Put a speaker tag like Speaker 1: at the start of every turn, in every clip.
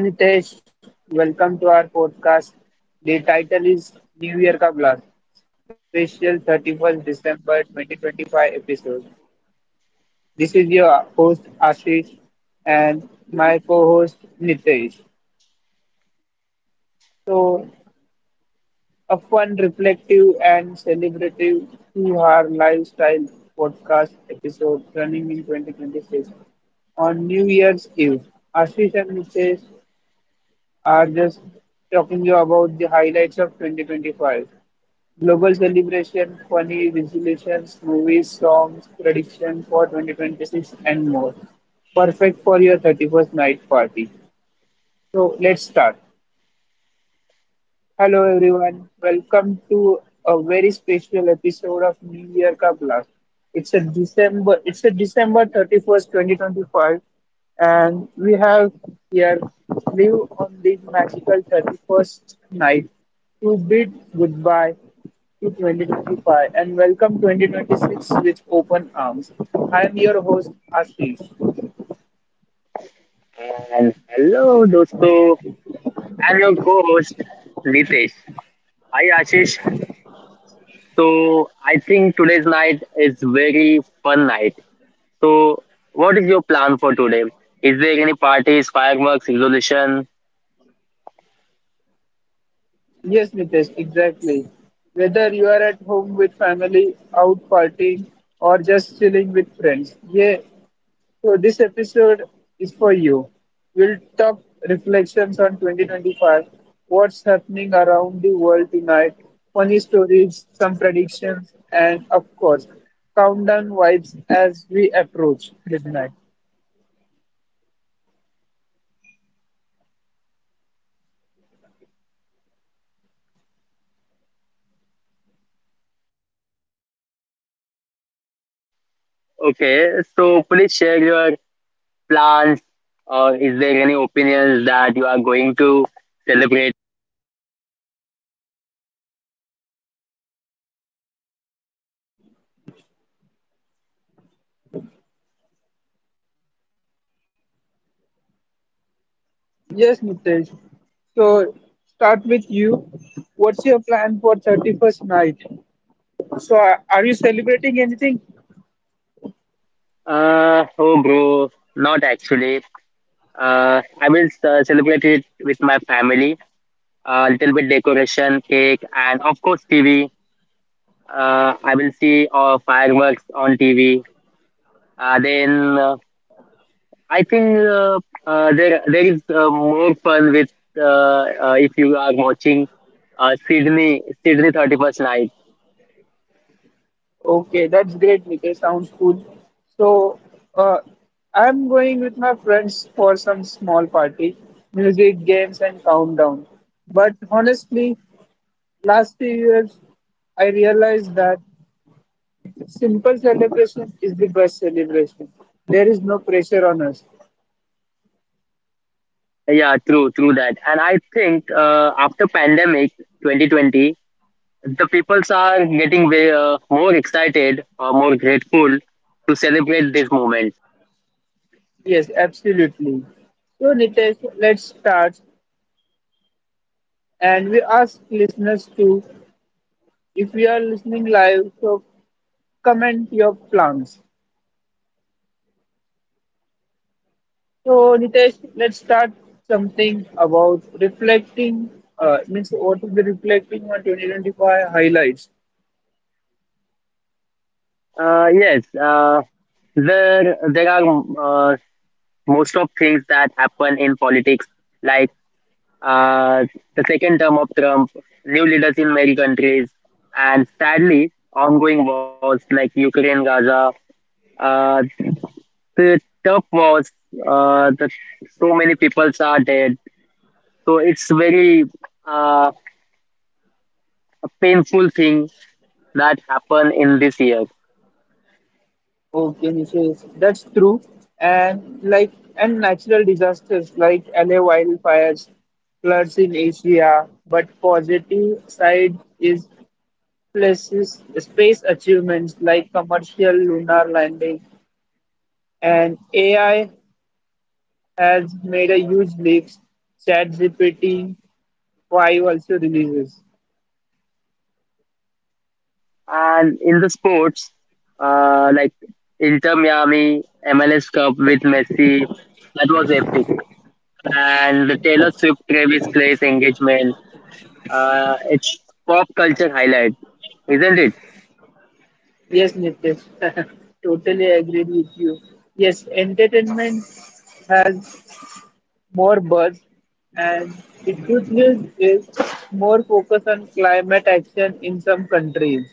Speaker 1: Hello Nitesh, welcome to our podcast. The title is New Year Ka Blast, special 31st December 2025 episode. This is your host Ashish and my co-host Nitesh. So, a fun, reflective and celebrative to our lifestyle podcast episode running in 2026 on New Year's Eve. Ashish and Nitesh are just talking you about the highlights of 2025. Global celebration, funny resolutions, movies, songs, prediction for 2026, and more. Perfect for your 31st night party. So let's start. Hello everyone, welcome to a very special episode of New Year Ka Blast. It's a December 31st, 2025 and we have here live on this magical 31st night to bid goodbye to 2025 and welcome 2026 with open arms. I am your host Ashish.
Speaker 2: And hello, dosto. I'm your co-host, Nitesh. Hi, Ashish. So I think today's night is very fun night. So what is your plan for today? Is there any parties, fireworks, resolution?
Speaker 1: Yes, Nitesh, exactly. Whether you are at home with family, out partying, or just chilling with friends. Yeah, so this episode is for you. We'll talk reflections on 2025, what's happening around the world tonight, funny stories, some predictions, and of course, countdown vibes as we approach midnight.
Speaker 2: Okay, so please share your plans. Or is there any opinions that you are going to celebrate?
Speaker 1: Yes, Nitesh. So, start with you. What's your plan for 31st night? So, are you celebrating anything?
Speaker 2: Oh, bro, not actually. I will celebrate it with my family, a little bit decoration, cake, and of course TV. I will see fireworks on TV. Then I think there is more fun with if you are watching Sydney 31st night.
Speaker 1: Okay, that's great, Nikesh. Sounds cool. So, uh, I'm going with my friends for some small party, music, games, and countdown. But honestly, last few years, I realized that simple celebration is the best celebration. There is no pressure on us.
Speaker 2: Yeah, true that. And I think after pandemic 2020, the peoples are getting way, more excited or more grateful to celebrate this moment.
Speaker 1: Yes, absolutely. So, Nitesh, let's start. And we ask listeners to, if you are listening live, so comment your plans. So, Nitesh, let's start something about reflecting. Means what is the reflecting on 2025 highlights?
Speaker 2: Yes, there are most of things that happen in politics, like uh, the second term of Trump, new leaders in many countries, and sadly, ongoing wars like Ukraine, Gaza, uh, the tough wars, uh, the, so many peoples are dead. So it's very uh, a painful thing that happened in this year.
Speaker 1: Okay, Nitesh, that's true. And like and natural disasters like LA wildfires, floods in Asia. But positive side is places space achievements like commercial lunar landing and AI has made a huge leap. ChatGPT 5 also releases.
Speaker 2: And in the sports, like Inter Miami MLS Cup with Messi, that was epic. And the Taylor Swift Travis Clay's engagement, it's pop culture highlight, isn't it?
Speaker 1: Yes, Nitesh, totally agree with you. Yes, entertainment has more buzz, and the good news is more focus on climate action in some countries.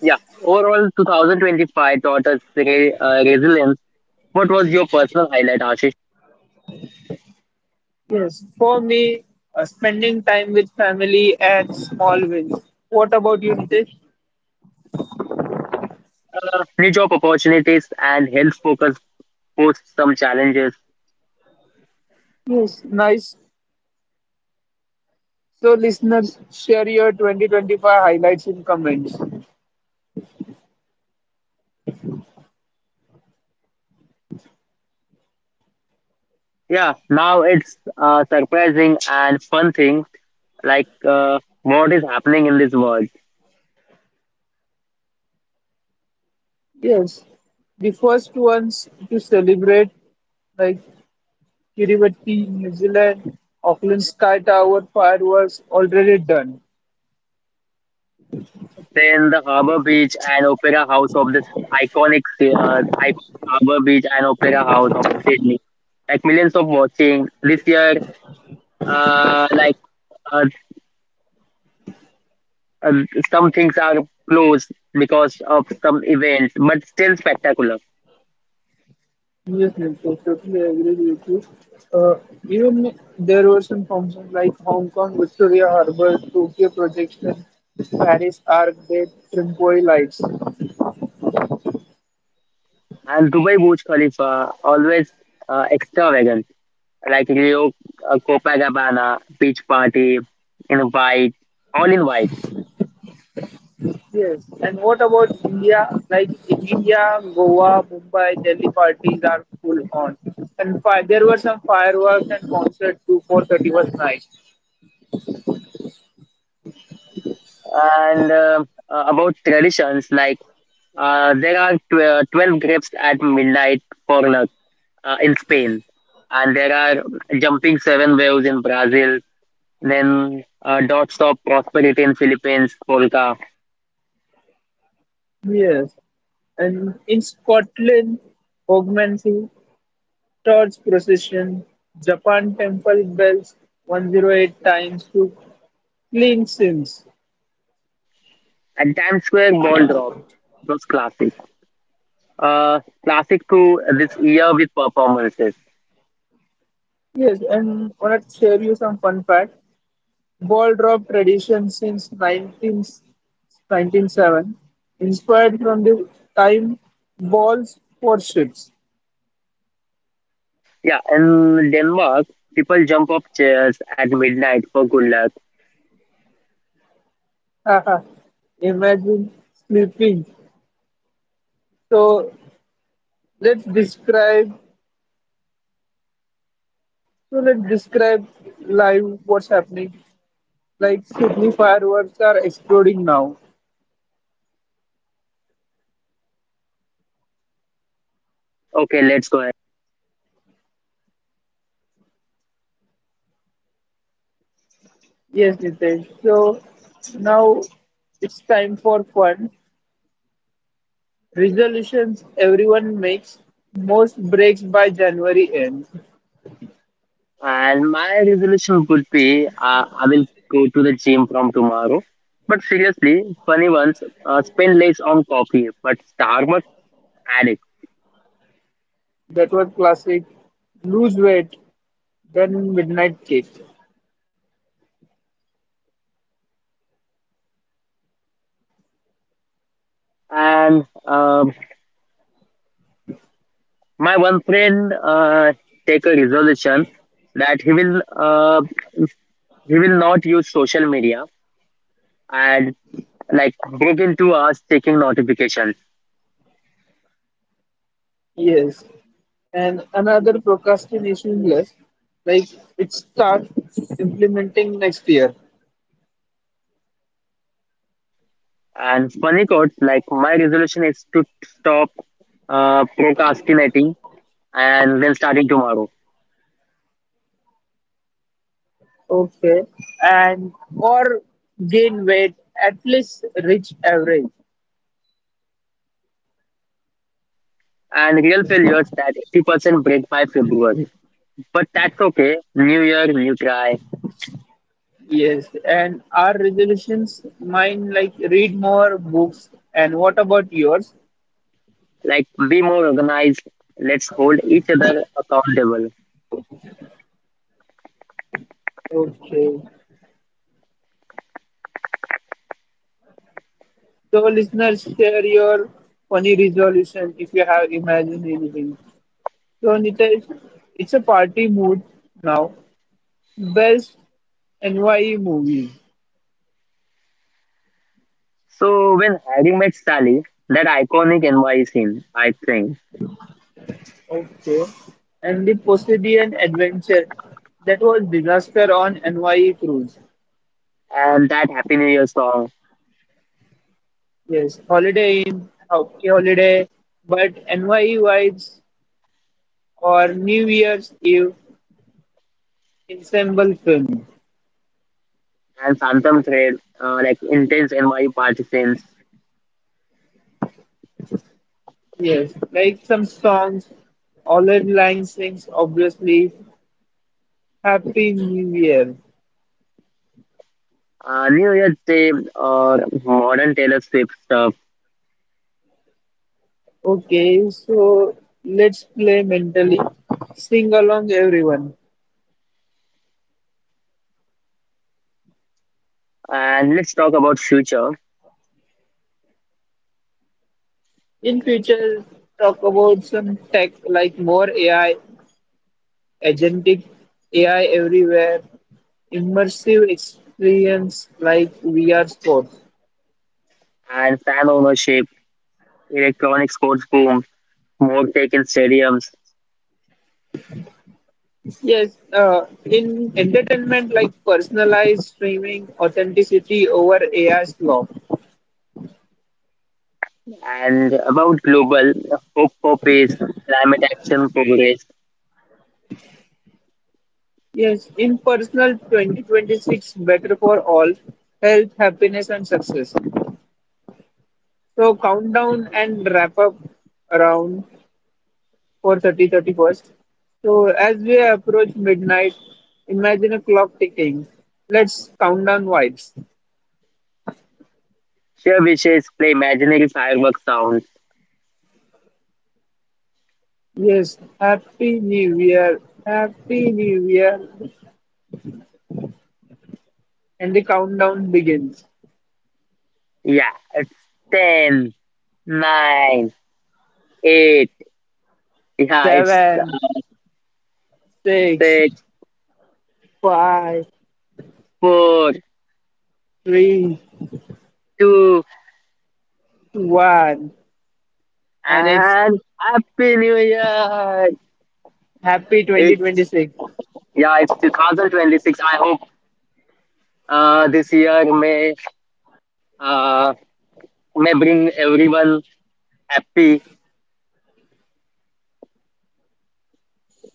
Speaker 2: Yeah. Overall, 2025 taught us resilience. What was your personal highlight, Ashish?
Speaker 1: Yes, for me, spending time with family and small wins. What about you, Nitesh?
Speaker 2: New job opportunities and health focus posed some challenges.
Speaker 1: Yes, nice. So, listeners, share your 2025 highlights in comments.
Speaker 2: Yeah, now it's a surprising and fun thing like what is happening in this world.
Speaker 1: Yes, the first ones to celebrate, like Kiribati, New Zealand, Auckland Sky Tower fireworks already done.
Speaker 2: Then the Harbour Beach and Opera House of this iconic Harbour Beach and Opera House of Sydney, like millions of watching this year. Uh, like uh, uh, some things are closed because of some events, but still spectacular.
Speaker 1: Yes, yes, I totally agree with you. Uh, Even there were some functions like Hong Kong, Victoria Harbour, Tokyo Projection, Paris Arc, Day, Trimpoy Lights.
Speaker 2: And Dubai Burj Khalifa always extravagant, like Rio Copacabana beach party in white, all in white.
Speaker 1: Yes. And what about India? Like in India, Goa, Mumbai, Delhi parties are full on. And there were some fireworks and concerts too for 31st night.
Speaker 2: And about traditions, like there are 12 grapes at midnight for luck in Spain. And there are jumping 7 waves in Brazil. Then dots of prosperity in Philippines, polka.
Speaker 1: Yes. And in Scotland, Hogmanay, torch procession, Japan temple bells 108 times to clean sins.
Speaker 2: And Times Square ball drop was classic. Classic to this year with performances.
Speaker 1: Yes, and I want to share you some fun fact. Ball-drop tradition since 19, 97, inspired from the time balls for ships.
Speaker 2: Yeah, in Denmark, people jump off chairs at midnight for good luck.
Speaker 1: Haha, imagine sleeping. So let's describe. So let's describe live what's happening. Like Sydney fireworks are exploding now.
Speaker 2: Okay, let's go.
Speaker 1: Yes, Nitesh. So now it's time for fun. Resolutions everyone makes most breaks by January end.
Speaker 2: And my resolution would be, I will go to the gym from tomorrow. But seriously, funny ones, spend less on coffee, but Starbucks addict.
Speaker 1: That was classic. Lose weight, then midnight cake.
Speaker 2: And my one friend take a resolution that he will not use social media and like break into us taking notifications.
Speaker 1: Yes. And another procrastination list, like it starts implementing next year.
Speaker 2: And funny quotes like my resolution is to stop procrastinating and then starting tomorrow.
Speaker 1: Okay. And or gain weight at least reach average.
Speaker 2: And real failures that 80% break my February. But that's okay. New year, new try.
Speaker 1: Yes. And our resolutions, mine like read more books. And what about yours?
Speaker 2: Like, be more organized. Let's hold each other accountable.
Speaker 1: Okay. So listeners, share your funny resolution if you have imagined anything. So Anita, it's a party mood now. Best NYE movies.
Speaker 2: So, when Harry met Sally, that iconic NY scene, I think,
Speaker 1: Okay. And the Poseidon Adventure. That was disaster on NYE cruise.
Speaker 2: and that Happy New Year song,
Speaker 1: Yes, Holiday Inn, okay, holiday, but NYE vibes or New Year's Eve ensemble film.
Speaker 2: and Phantom Thread, like intense NY partisans,
Speaker 1: Yes, like some songs, All in Lang sings, obviously. Happy New Year.
Speaker 2: New Year's Day, or modern Taylor Swift stuff.
Speaker 1: Okay, so let's play mentally. Sing along, everyone.
Speaker 2: And let's talk about future
Speaker 1: In future, talk about some tech like more AI, agentic AI everywhere, immersive experience like VR sports.
Speaker 2: and fan ownership, electronic sports boom, more tech in stadiums,
Speaker 1: Yes, in entertainment like personalized streaming, authenticity over AI law.
Speaker 2: and about global hope for peace, climate action progress,
Speaker 1: Yes, in personal 2026 better for all, health, happiness, and success. So countdown and wrap up around 4:30, 31st. So as we approach midnight, imagine a clock ticking. Let's count down vibes.
Speaker 2: share wishes, play imaginary fireworks sounds.
Speaker 1: Yes, Happy New Year, Happy New Year, and the countdown begins.
Speaker 2: Yeah, it's ten, nine, 8. Yeah, it's
Speaker 1: Seven, six,
Speaker 2: 6,
Speaker 1: five,
Speaker 2: 4,
Speaker 1: three,
Speaker 2: 2,
Speaker 1: two, one, and it's
Speaker 2: and Happy New Year!
Speaker 1: Happy
Speaker 2: It's,
Speaker 1: 2026.
Speaker 2: yeah, it's 2026. I hope this year uh, may bring everyone happy.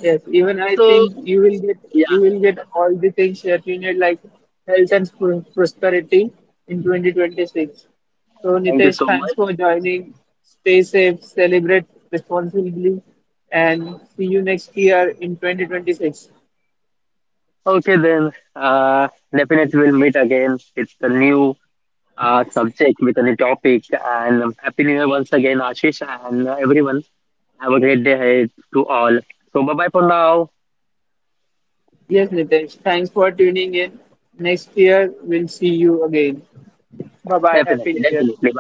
Speaker 1: Yes, even I
Speaker 2: So,
Speaker 1: think
Speaker 2: yeah,
Speaker 1: you will get all the things that you need like health and prosperity in 2026. So
Speaker 2: thank you
Speaker 1: Nitesh,
Speaker 2: so
Speaker 1: thanks
Speaker 2: much.
Speaker 1: for joining. Stay safe, celebrate responsibly, and see you next year in 2026.
Speaker 2: Okay, then definitely we'll meet again with a new subject, with a new topic. And Happy New Year once again, Ashish, and everyone. Have a great day ahead to all. So, bye bye for now.
Speaker 1: Yes, Nitesh, thanks for tuning in. Next year we'll see you again. Bye bye. Happy
Speaker 2: Definitely,
Speaker 1: New Year.
Speaker 2: definitely.